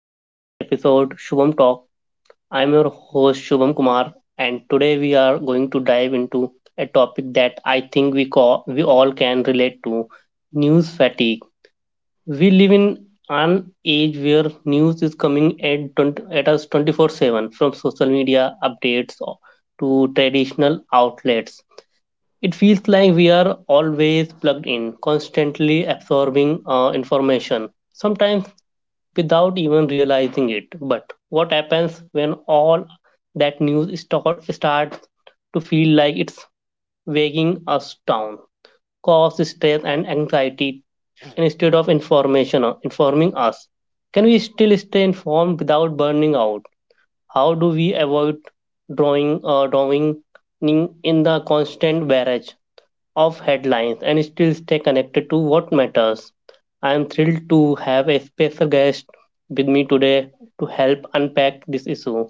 to today's episode Shubham Talk. I'm your host Shubham Kumar, and today we are going to dive into a topic that I think we call, we all can relate to: news fatigue. We live in an age where news is coming at us 24/7, from social media updates to traditional outlets. It feels like we are always plugged in, constantly absorbing information. Sometimes without even realizing it. But what happens when all that news starts to feel like it's weighing us down, cause stress and anxiety, and instead of information informing us? Can we still stay informed without burning out? How do we avoid drawing in the constant barrage of headlines and still stay connected to what matters? I am thrilled to have a special guest with me today to help unpack this issue.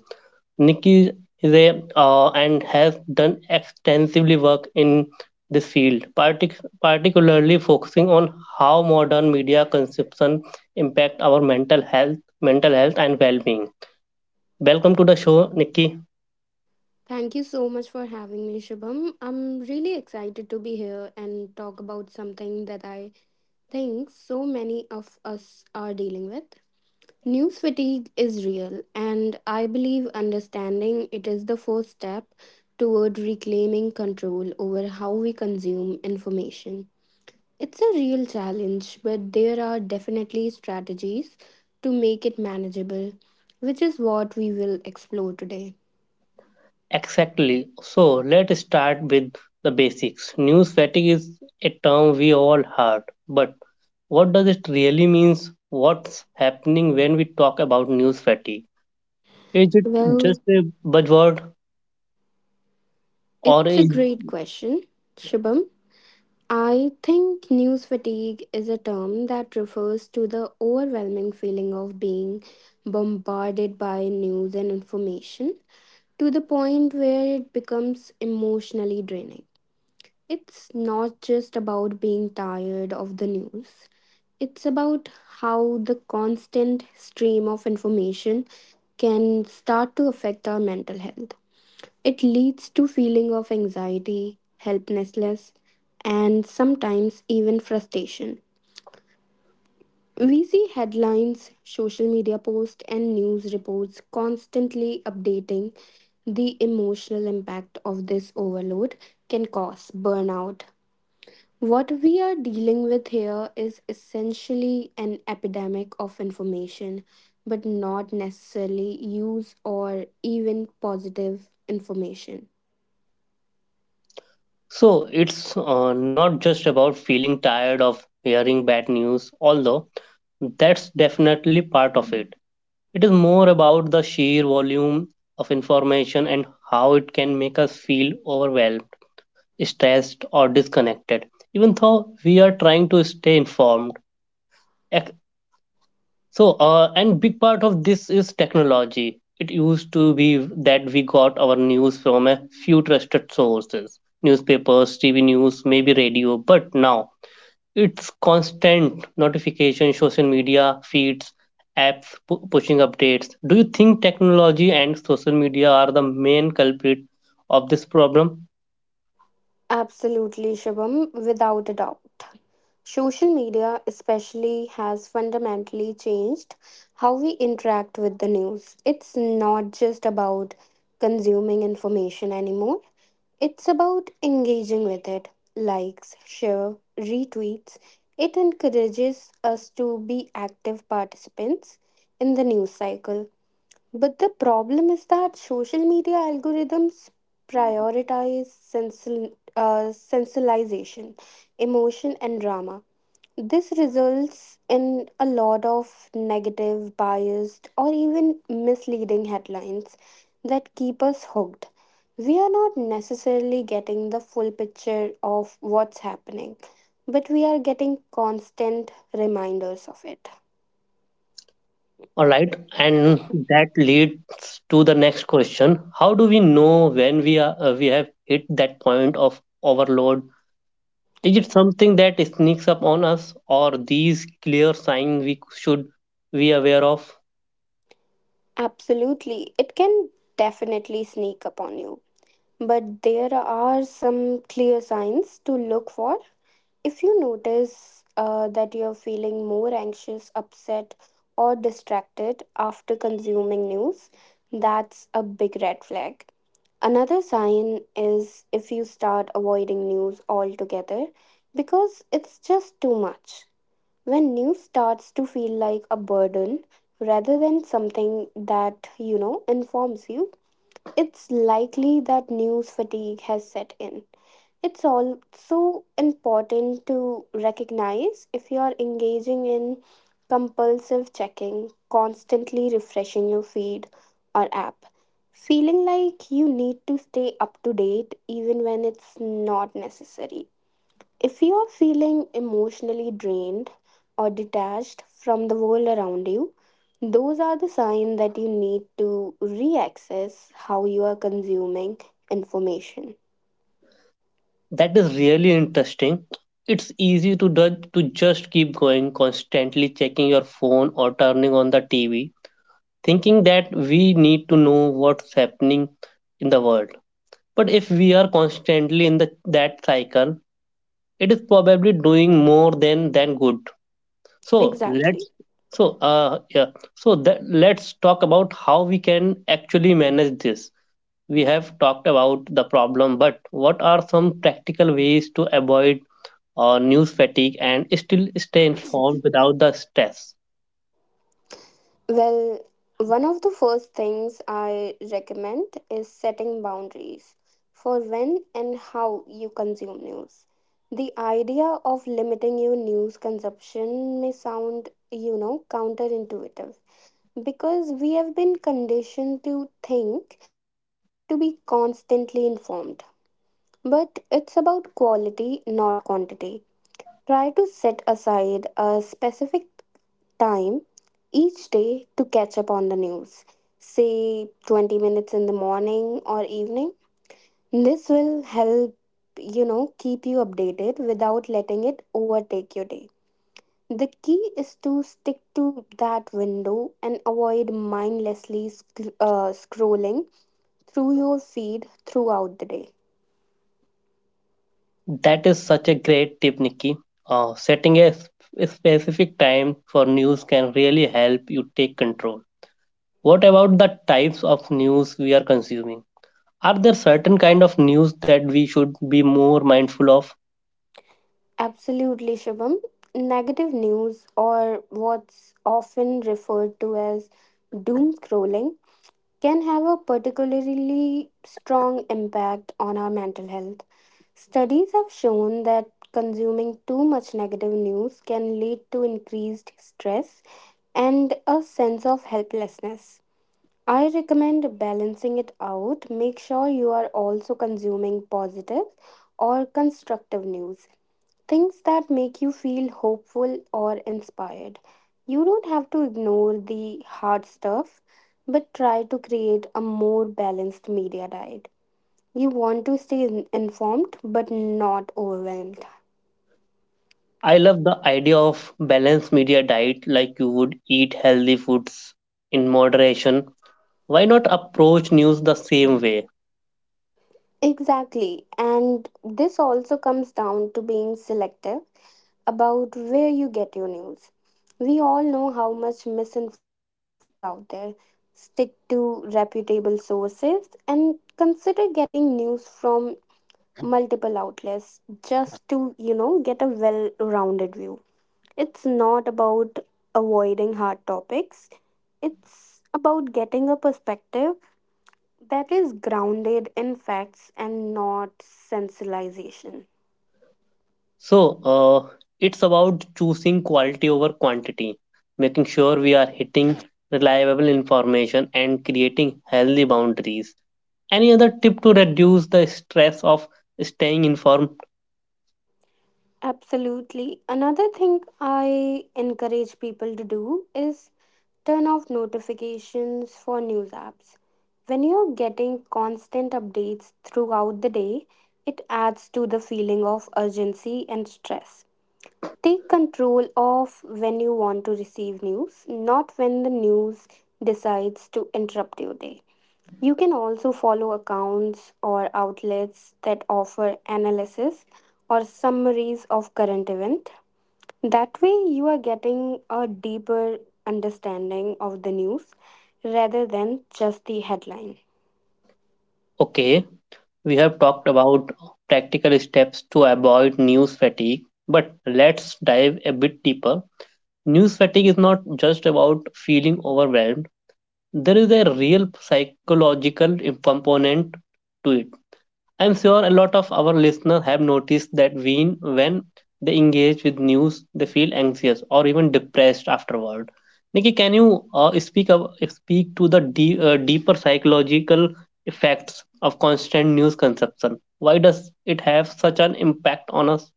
Nikki is a and has done extensively work in this field, particularly focusing on how modern media consumption impact our mental health and well-being. Welcome to the show, Nikki. Thank you so much for having me, Shubham. I'm really excited to be here and talk about something that I think so many of us are dealing with. News fatigue is real, and I believe understanding it is the first step toward reclaiming control over how we consume information. It's a real challenge, but there are definitely strategies to make it manageable, which is what we will explore today. Exactly. So let's start with the basics. News fatigue is a term we all heard, but what does it really means? What's happening when we talk about news fatigue? Is it just Well, a buzzword, or it's a is? great question, Shubham. I think news fatigue is a term that refers to the overwhelming feeling of being bombarded by news and information to the point where it becomes emotionally draining. It's not just about being tired of the news, it's about how the constant stream of information can start to affect our mental health. It leads to feeling of anxiety, helplessness, and sometimes even frustration. We see headlines, social media posts, and news reports constantly updating the emotional impact of this overload can cause burnout. What we are dealing with here is essentially an epidemic of information, but not necessarily use or even positive information. So it's not just about feeling tired of hearing bad news, although that's definitely part of it. It is more about the sheer volume of information and how it can make us feel overwhelmed, stressed, or disconnected, even though we are trying to stay informed. Ec- So, and big part of this is technology. It used to be that we got our news from a few trusted sources: newspapers, TV news, maybe radio. But now it's constant notification, social media feeds, apps pushing updates. Do you think technology and social media are the main culprit of this problem? Absolutely, Shubham, without a doubt. Social media, especially, has fundamentally changed how we interact with the news. It's not just about consuming information anymore, it's about engaging with it. Likes, share, retweets. It encourages us to be active participants in the news cycle. But the problem is that social media algorithms prioritize sensationalization, emotion, and drama. This results in a lot of negative, biased, or even misleading headlines that keep us hooked. We are not necessarily getting the full picture of what's happening, but we are getting constant reminders of it. All right, and that leads to the next question. How do we know when we have hit that point of overload? Is it something that sneaks up on us, or these clear signs we should be aware of? Absolutely, it can definitely sneak upon you. But there are some clear signs to look for. If you notice that you're feeling more anxious, upset, or distracted after consuming news, that's a big red flag. Another sign is if you start avoiding news altogether because it's just too much. When news starts to feel like a burden rather than something that, you know, informs you, it's likely that news fatigue has set in. It's also important to recognize if you are engaging in compulsive checking, constantly refreshing your feed or app, feeling like you need to stay up to date even when it's not necessary. If you are feeling emotionally drained or detached from the world around you, those are the signs that you need to reaccess how you are consuming information. That is really interesting. It's easy to do, to just keep going, constantly checking your phone or turning on the TV, thinking that we need to know what's happening in the world. But if we are constantly in that cycle, it is probably doing more than good. So Exactly. let's, so yeah, so that, let's talk about how we can actually manage this. We have talked about the problem, but what are some practical ways to avoid news fatigue and still stay informed without the stress? Well, one of the first things I recommend is setting boundaries for when and how you consume news. The idea of limiting your news consumption may sound, you know, counterintuitive, because we have been conditioned to think we need to be constantly informed. But it's about quality, not quantity. Try to set aside a specific time each day to catch up on the news, say 20 minutes in the morning or evening. This will help, you know, keep you updated without letting it overtake your day. The key is to stick to that window and avoid mindlessly scrolling through your feed throughout the day. That is such a great tip, Nikki. Setting a specific time for news can really help you take control. What about the types of news we are consuming? Are there certain kind of news that we should be more mindful of? Absolutely, Shubham. Negative news, or what's often referred to as doom scrolling, can have a particularly strong impact on our mental health. Studies have shown that consuming too much negative news can lead to increased stress and a sense of helplessness. I recommend balancing it out. Make sure you are also consuming positive or constructive news. Things that make you feel hopeful or inspired. You don't have to ignore the hard stuff, but try to create a more balanced media diet. You want to stay informed but not overwhelmed. I love the idea of balanced media diet. Like you would eat healthy foods in moderation, why not approach news the same way? Exactly. And this also comes down to being selective about where you get your news. We all know how much misinformation is out there. Stick to reputable sources and consider getting news from multiple outlets just to, you know, get a well rounded view. It's not about avoiding hard topics, it's about getting a perspective that is grounded in facts and not sensationalization. So, it's about choosing quality over quantity, making sure we are hitting reliable information and creating healthy boundaries. Any other tip to reduce the stress of staying informed? Absolutely. Another thing I encourage people to do is turn off notifications for news apps. When you're getting constant updates throughout the day, it adds to the feeling of urgency and stress. Take control of when you want to receive news, not when the news decides to interrupt your day. You can also follow accounts or outlets that offer analysis or summaries of current event. That way you are getting a deeper understanding of the news rather than just the headline. Okay, we have talked about practical steps to avoid news fatigue, but let's dive a bit deeper. News fatigue is not just about feeling overwhelmed, there is a real psychological component to it. I'm sure a lot of our listeners have noticed that when they engage with news, they feel anxious or even depressed afterward. Nikki, can you speak to the deeper psychological effects of constant news consumption? Why does it have such an impact on us?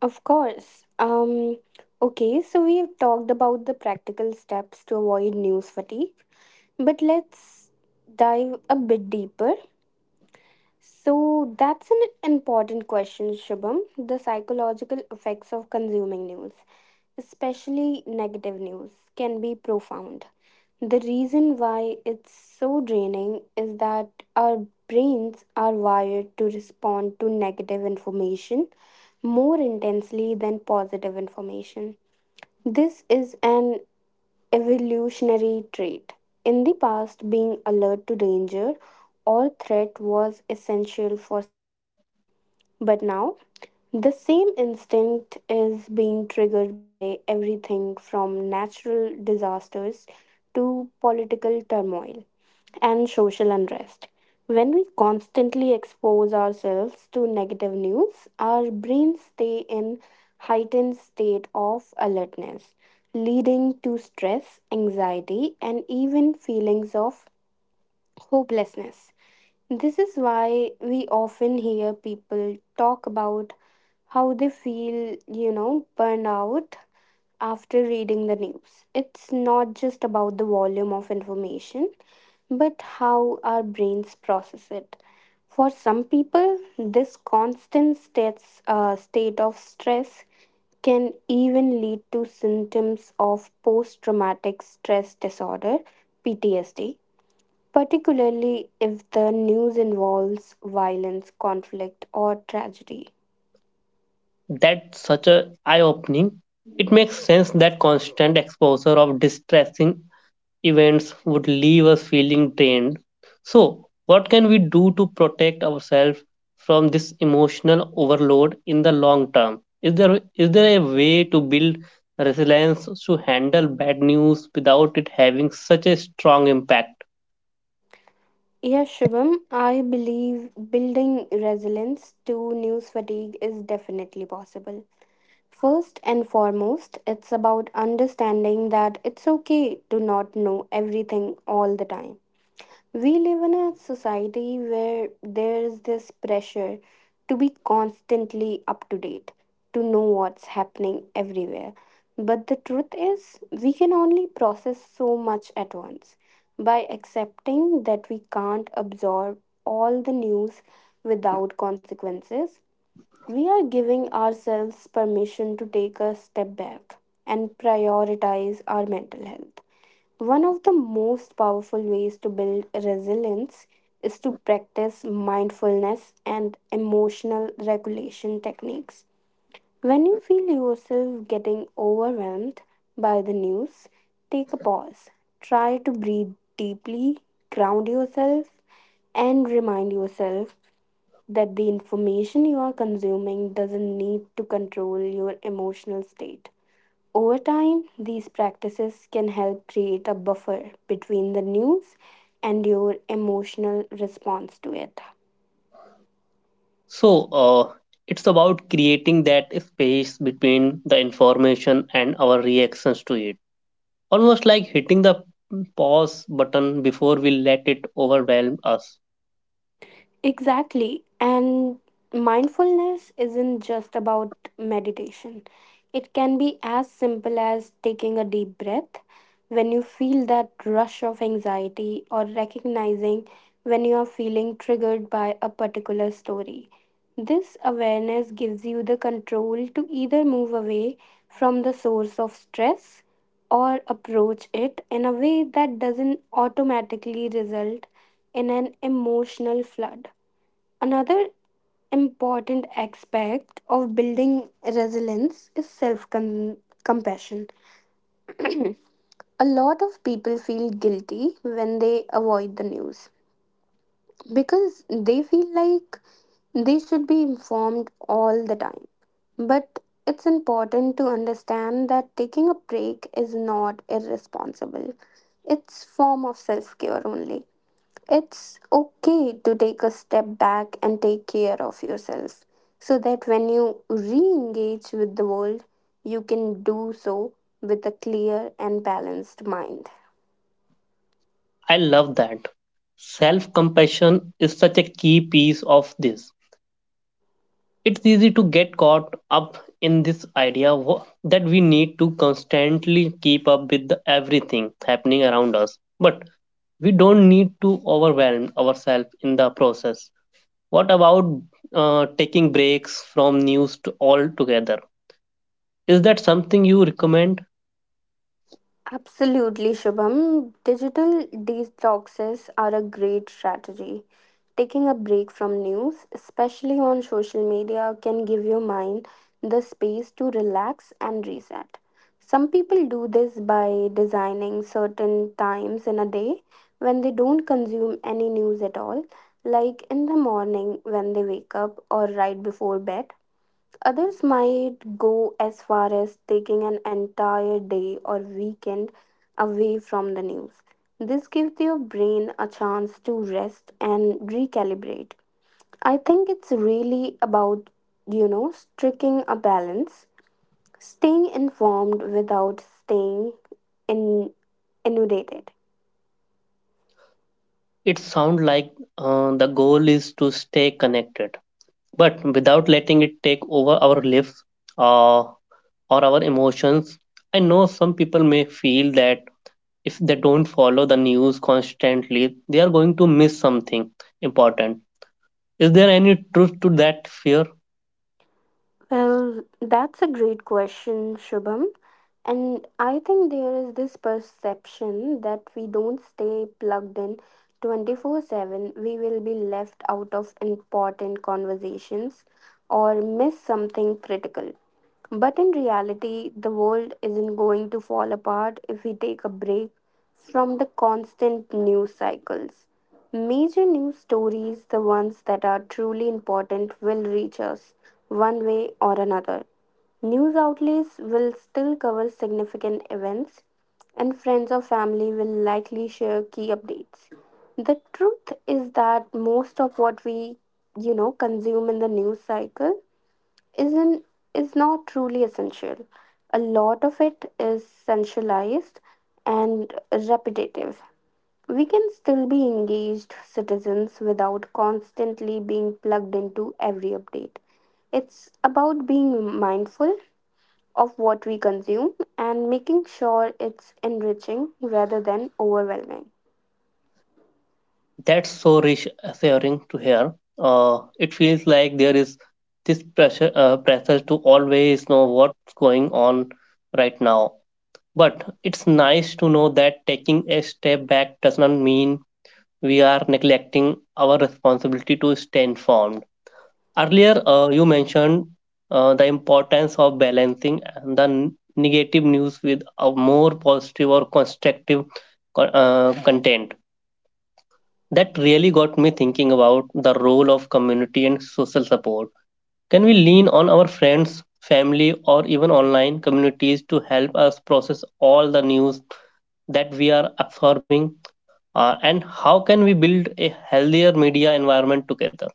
Of course. Um okay, so we've talked about the practical steps to avoid news fatigue, but let's dive a bit deeper. So that's an important question, Shubham. The psychological effects of consuming news, especially negative news, can be profound. The reason why it's so draining is that our brains are wired to respond to negative information more intensely than positive information. This is an evolutionary trait. In the past, being alert to danger or threat was essential for survival. But now, the same instinct is being triggered by everything from natural disasters to political turmoil and social unrest. When we constantly expose ourselves to negative news, our brains stay in heightened state of alertness, leading to stress, anxiety, and even feelings of hopelessness. This is why we often hear people talk about how they feel, you know, burnout after reading the news. It's not just about the volume of information, but how our brains process it. For some people, this state of stress can even lead to symptoms of post traumatic stress disorder, PTSD, particularly if the news involves violence, conflict, or tragedy. That's such a eye-opening. It makes sense that constant exposure of distressing events would leave us feeling drained. So, what can we do to protect ourselves from this emotional overload in the long term? Is there a way to build resilience to handle bad news without it having such a strong impact? Yes, Shubham, I believe building resilience to news fatigue is definitely possible. First and foremost, it's about understanding that it's okay to not know everything all the time. We live in a society where there is this pressure to be constantly up to date, to know what's happening everywhere. But the truth is, we can only process so much at once. By accepting that we can't absorb all the news without consequences, we are giving ourselves permission to take a step back and prioritize our mental health. One of the most powerful ways to build resilience is to practice mindfulness and emotional regulation techniques. When you feel yourself getting overwhelmed by the news, take a pause. Try to breathe deeply, ground yourself, and remind yourself that the information you are consuming doesn't need to control your emotional state. Over time, these practices can help create a buffer between the news and your emotional response to it. So, uh, it's about creating that space between the information and our reactions to it, almost like hitting the pause button before we let it overwhelm us. Exactly. And mindfulness isn't just about meditation, it can be as simple as taking a deep breath when you feel that rush of anxiety or recognizing when you are feeling triggered by a particular story. This awareness gives you the control to either move away from the source of stress or approach it in a way that doesn't automatically result in an emotional flood. Another important aspect of building resilience is self compassion. A lot of people feel guilty when they avoid the news because they feel like they should be informed all the time. But it's important to understand that taking a break is not irresponsible. It's form of self-care only. It's okay to take a step back and take care of yourself so that when you re engage with the world, you can do so with a clear and balanced mind. I love that. Self compassion is such a key piece of this. It's easy to get caught up in this that we need to constantly keep up with the everything happening around us, but we don't need to overwhelm ourselves in the process. What about taking breaks from news to altogether? Is that something you recommend? Absolutely, Shubham. Digital detoxes are a great strategy. Taking a break from news, especially on social media, can give your mind the space to relax and reset. Some people do this by designing certain times in a day when they don't consume any news at all, like in the morning when they wake up or right before bed. Others might go as far as taking an entire day or weekend away from the news. This gives your brain a chance to rest and recalibrate. I think it's really about, you know, striking a balance, staying informed without staying in inundated. It sounds like the goal is to stay connected but without letting it take over our lives, or our emotions. I know some people may feel that if they don't follow the news constantly, they are going to miss something important. Is there any truth to that fear? Well, that's a great question, Shubham. And I think there is this perception that we don't stay plugged in 24/7, we will be left out of important conversations or miss something critical. But in reality, the world isn't going to fall apart if we take a break from the constant news cycles. Major news stories, the ones that are truly important, will reach us one way or another. News outlets will still cover significant events, and friends or family will likely share key updates. The truth is that most of what we, you know, consume in the news cycle isn't is not truly essential. A lot of it is centralized and repetitive. We can still be engaged citizens without constantly being plugged into every update. It's about being mindful of what we consume and making sure it's enriching rather than overwhelming. That's so reassuring to hear. It feels like there is this pressure to always know what's going on right now. But it's nice to know that taking a step back does not mean we are neglecting our responsibility to stay informed. Earlier, you mentioned the importance of balancing the negative news with a more positive or constructive content. That really got me thinking about the role of community and social support. Can we lean on our friends, family, or even online communities to help us process all the news that we are absorbing? And how can we build a healthier media environment together?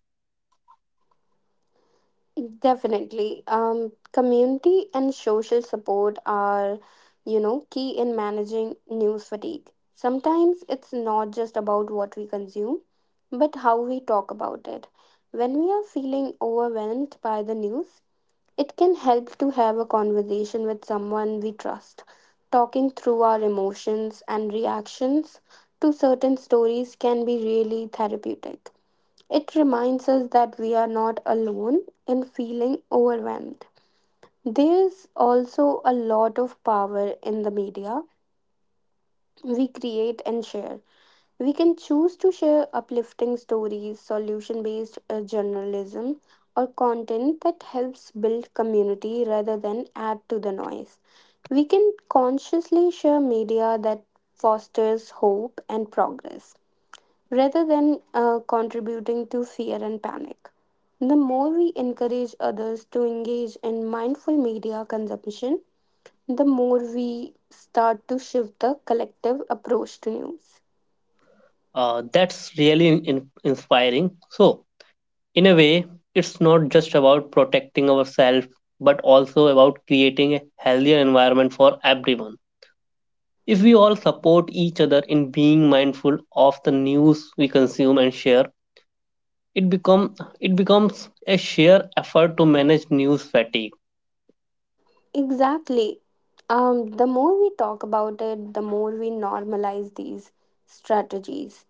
Definitely. Community and social support are, you know, key in managing news fatigue. Sometimes it's not just about what we consume, but how we talk about it. When we are feeling overwhelmed by the news, it can help to have a conversation with someone we trust. Talking through our emotions and reactions to certain stories can be really therapeutic. It reminds us that we are not alone in feeling overwhelmed. There's also a lot of power in the media we create and share. We can choose to share uplifting stories, solution based journalism, or content that helps build community rather than add to the noise. We can consciously share media that fosters hope and progress rather than contributing to fear and panic. The more we encourage others to engage in mindful media consumption, the more we start to shift the collective approach to news. That's really inspiring. So, in a way, it's not just about protecting ourselves, but also about creating a healthier environment for everyone. If we all support each other in being mindful of the news we consume and share, it become it becomes a sheer effort to manage news fatigue. Exactly. The more we talk about it, the more we normalize these strategies.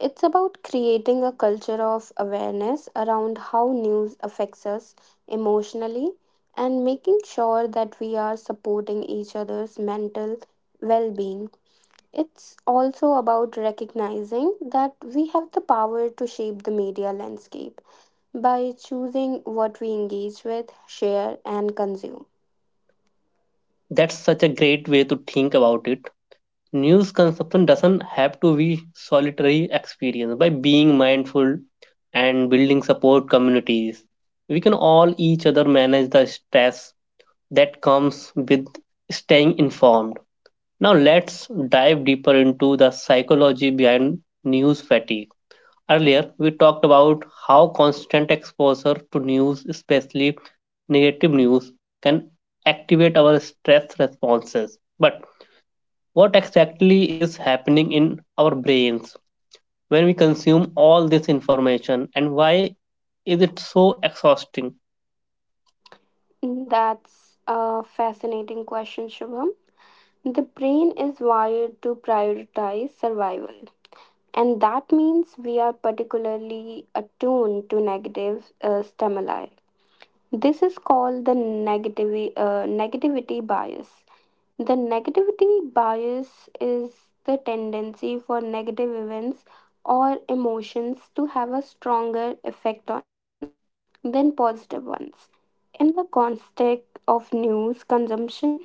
It's about creating a culture of awareness around how news affects us emotionally and making sure that we are supporting each other's mental well being. It's also about recognizing that we have the power to shape the media landscape by choosing what we engage with, share, and consume. That's such a great way to think about it. News consumption doesn't have to be solitary experience. By being mindful and building support communities, we can all each other manage the stress that comes with staying informed. Now let's dive deeper into the psychology behind news fatigue. Earlier we talked about how constant exposure to news, especially negative news, can activate our stress responses. But what exactly is happening in our brains when we consume all this information, and why is it so exhausting? That's a fascinating question, Shubham. The brain is wired to prioritize survival, and that means we are particularly attuned to negative stimuli. This is called the negativity bias. The negativity bias is the tendency for negative events or emotions to have a stronger effect on us than positive ones. In the context of news consumption,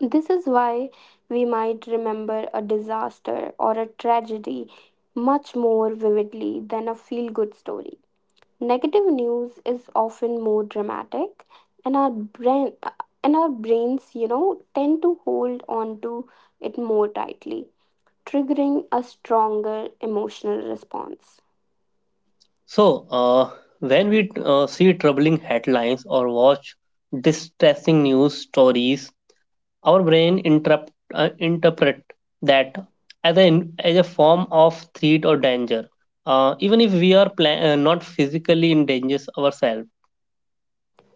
this is why we might remember a disaster or a tragedy much more vividly than a feel good story. Negative news is often more dramatic and our brains, you know, tend to hold on to it more tightly, triggering a stronger emotional response. So uh, when we see troubling headlines or watch distressing news stories, our interpret that as as a form of threat or danger, even if we are not physically in danger ourselves.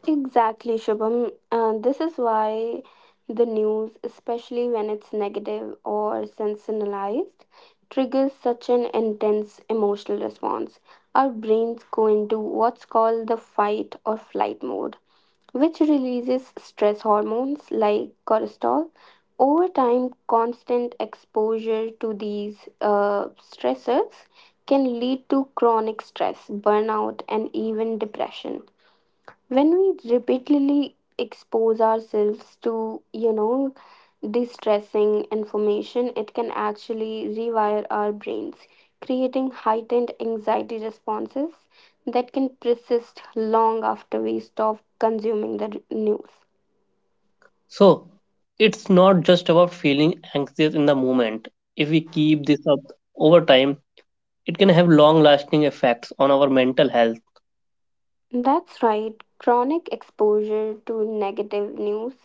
Exactly, Shubham. This is why the news, especially when it's negative or sensationalized, triggers such an intense emotional response. Our brains go into what's called the fight or flight mode, which releases stress hormones like cortisol. Over time, constant exposure to these stressors can lead to chronic stress, burnout, and even depression when we repeatedly expose ourselves to, you know, distressing information. It can actually rewire our brains, creating heightened anxiety responses that can persist long after we stop consuming news. So it's not just about feeling anxious in the moment. If we keep this up over time, it can have long lasting effects on our mental health. That's right. Chronic exposure to negative news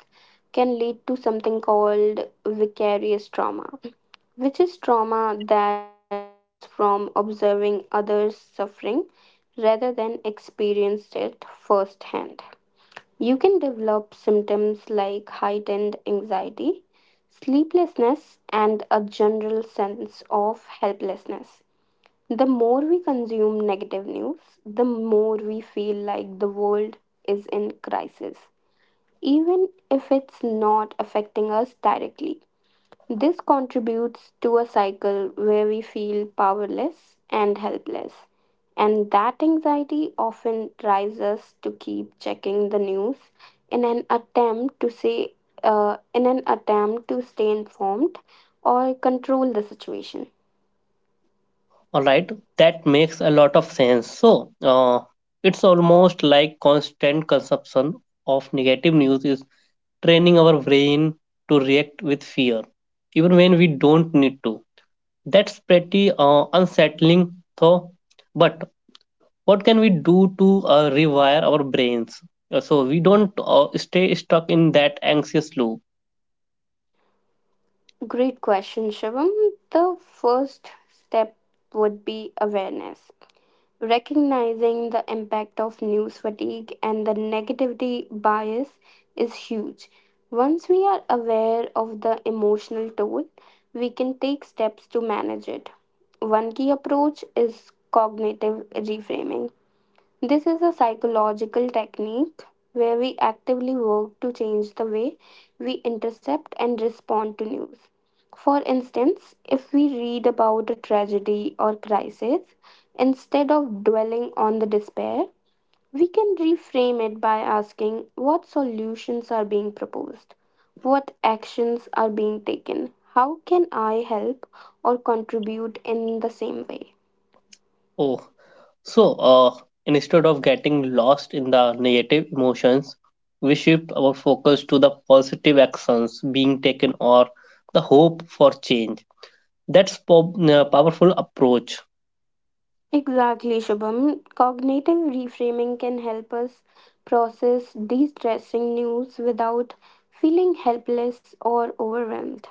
can lead to something called vicarious trauma, which is trauma that comes from observing others' suffering rather than experience it firsthand. You can develop symptoms like heightened anxiety, sleeplessness, and a general sense of helplessness. The more we consume negative news, the more we feel like the world is in crisis, even if it's not affecting us directly. This contributes to a cycle where we feel powerless and helpless. And that anxiety often drives us to keep checking the news in an attempt to in an attempt to stay informed or control the situation. All right, that makes a lot of sense. So it's almost like constant consumption of negative news is training our brain to react with fear, even when we don't need to. That's pretty unsettling, though. But what can we do to rewire our brains? So we don't stay stuck in that anxious loop. Great question, Shivam. The first step would be awareness. Recognizing the impact of news fatigue and the negativity bias is huge. Once we are aware of the emotional toll, we can take steps to manage it. One key approach is cognitive reframing. This is a psychological technique where we actively work to change the way we intercept and respond to news. For instance, if we read about a tragedy or crisis, instead of dwelling on the despair, we can reframe it by asking what solutions are being proposed, what actions are being taken, how can I help or contribute in the same way. Oh, so, uh, instead of getting lost in the negative emotions, we shift our focus to the positive actions being taken or the hope for change. That's powerful approach. Exactly, Shubham. Cognitive reframing can help us process de-stressing news without feeling helpless or overwhelmed.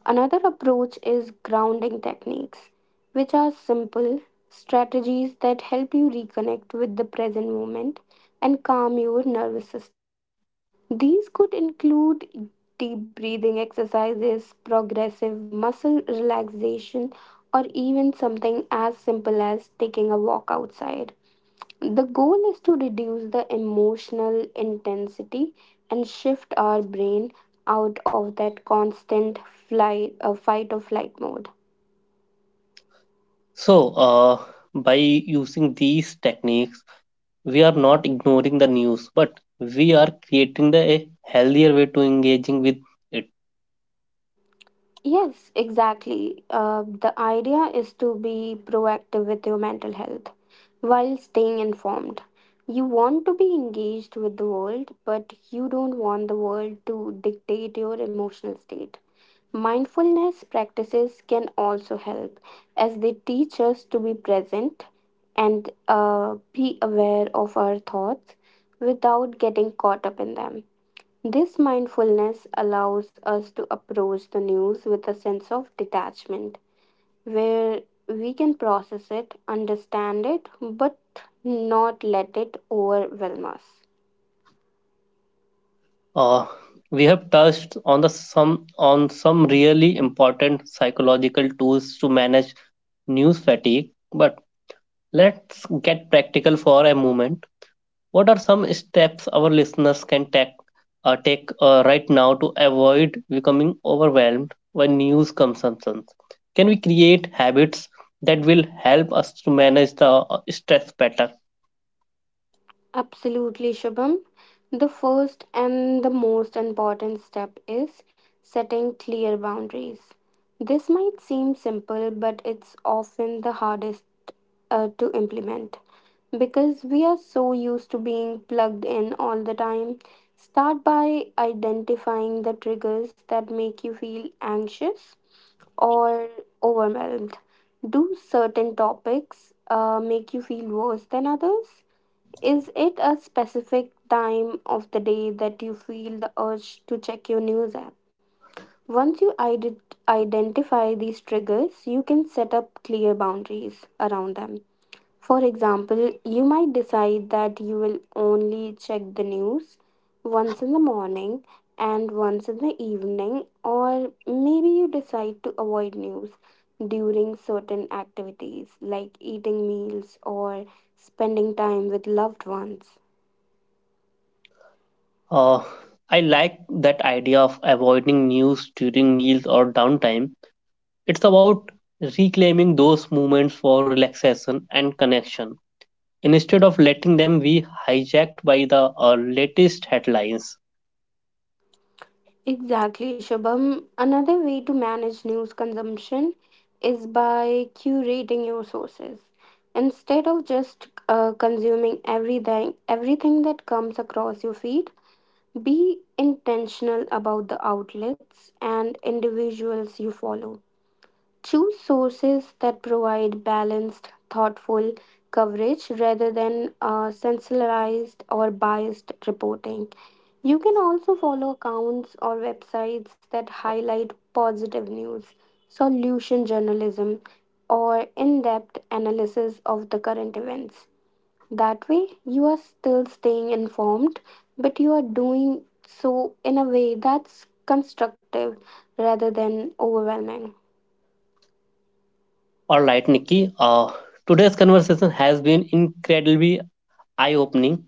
Another approach is grounding techniques, which are simple strategies that help you reconnect with the present moment and calm your nervous system. These could include deep breathing exercises, progressive muscle relaxation, or even something as simple as taking a walk outside. The goal is to reduce the emotional intensity and shift our brain out of that constant fight or flight mode. So, uh, by using these techniques, we are not ignoring the news, but we are creating the a healthier way to engaging with. Yes, exactly. The idea is to be proactive with your mental health while staying informed. You want to be engaged with the world, but you don't want the world to dictate your emotional state. Mindfulness practices can also help as they teach us to be present and be aware of our thoughts without getting caught up in them. This mindfulness allows us to approach the news with a sense of detachment, where we can process it, understand it, but not let it overwhelm us. Uh, we have touched on the some on some really important psychological tools to manage news fatigue, but let's get practical for a moment. What are some steps our listeners can take right now to avoid becoming overwhelmed by news consumption? Can we create habits that will help us to manage the stress better? Absolutely, Shubham. The first and the most important step is setting clear boundaries. This might seem simple, but it's often the hardest to implement, because we are so used to being plugged in all the time. Start by identifying the triggers that make you feel anxious or overwhelmed. Do certain topics make you feel worse than others? Is it a specific time of the day that you feel the urge to check your news app? Once you ide- identify these triggers, you can set up clear boundaries around them. For example, you might decide that you will only check the news once in the morning and once in the evening, or maybe you decide to avoid news during certain activities like eating meals or spending time with loved ones. Uh, I like that idea of avoiding news during meals or downtime. It's about reclaiming those moments for relaxation and connection instead of letting them be hijacked by the latest headlines. Exactly, Shubham. Another way to manage news consumption is by curating your sources. Instead of just consuming everything that comes across your feed, be intentional about the outlets and individuals you follow. Choose sources that provide balanced, thoughtful coverage rather than sensationalized or biased reporting. You can also follow accounts or websites that highlight positive news, solution journalism, or in depth analysis of the current events. That way, you are still staying informed, but you are doing so in a way that's constructive rather than overwhelming. All right, Nikki. Today's conversation has been incredibly eye-opening.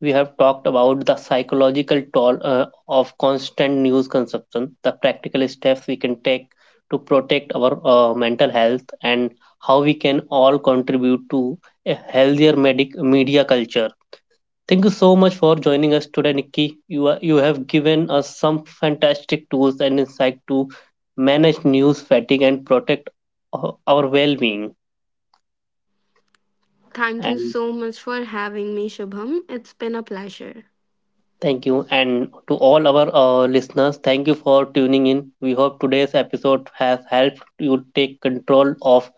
We have talked about the psychological toll of constant news consumption, the practical steps we can take to protect our mental health, and how we can all contribute to a healthier media culture. Thank you so much for joining us today, Nikki. You have given us some fantastic tools and insight to manage news fatigue and protect our well-being. Thank you And so much for having me, Shubham. It's been a pleasure. thank you, and to all our listeners, thank you for tuning in. We hope today's episode has helped you take control of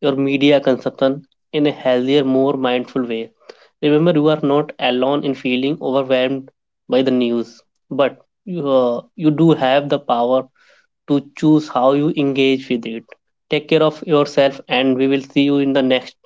your media consumption in a healthier, more mindful way. Remember, you are not alone in feeling overwhelmed by the news, but you do have the power to choose how you engage with it. Take care of yourself, and we will see you in the next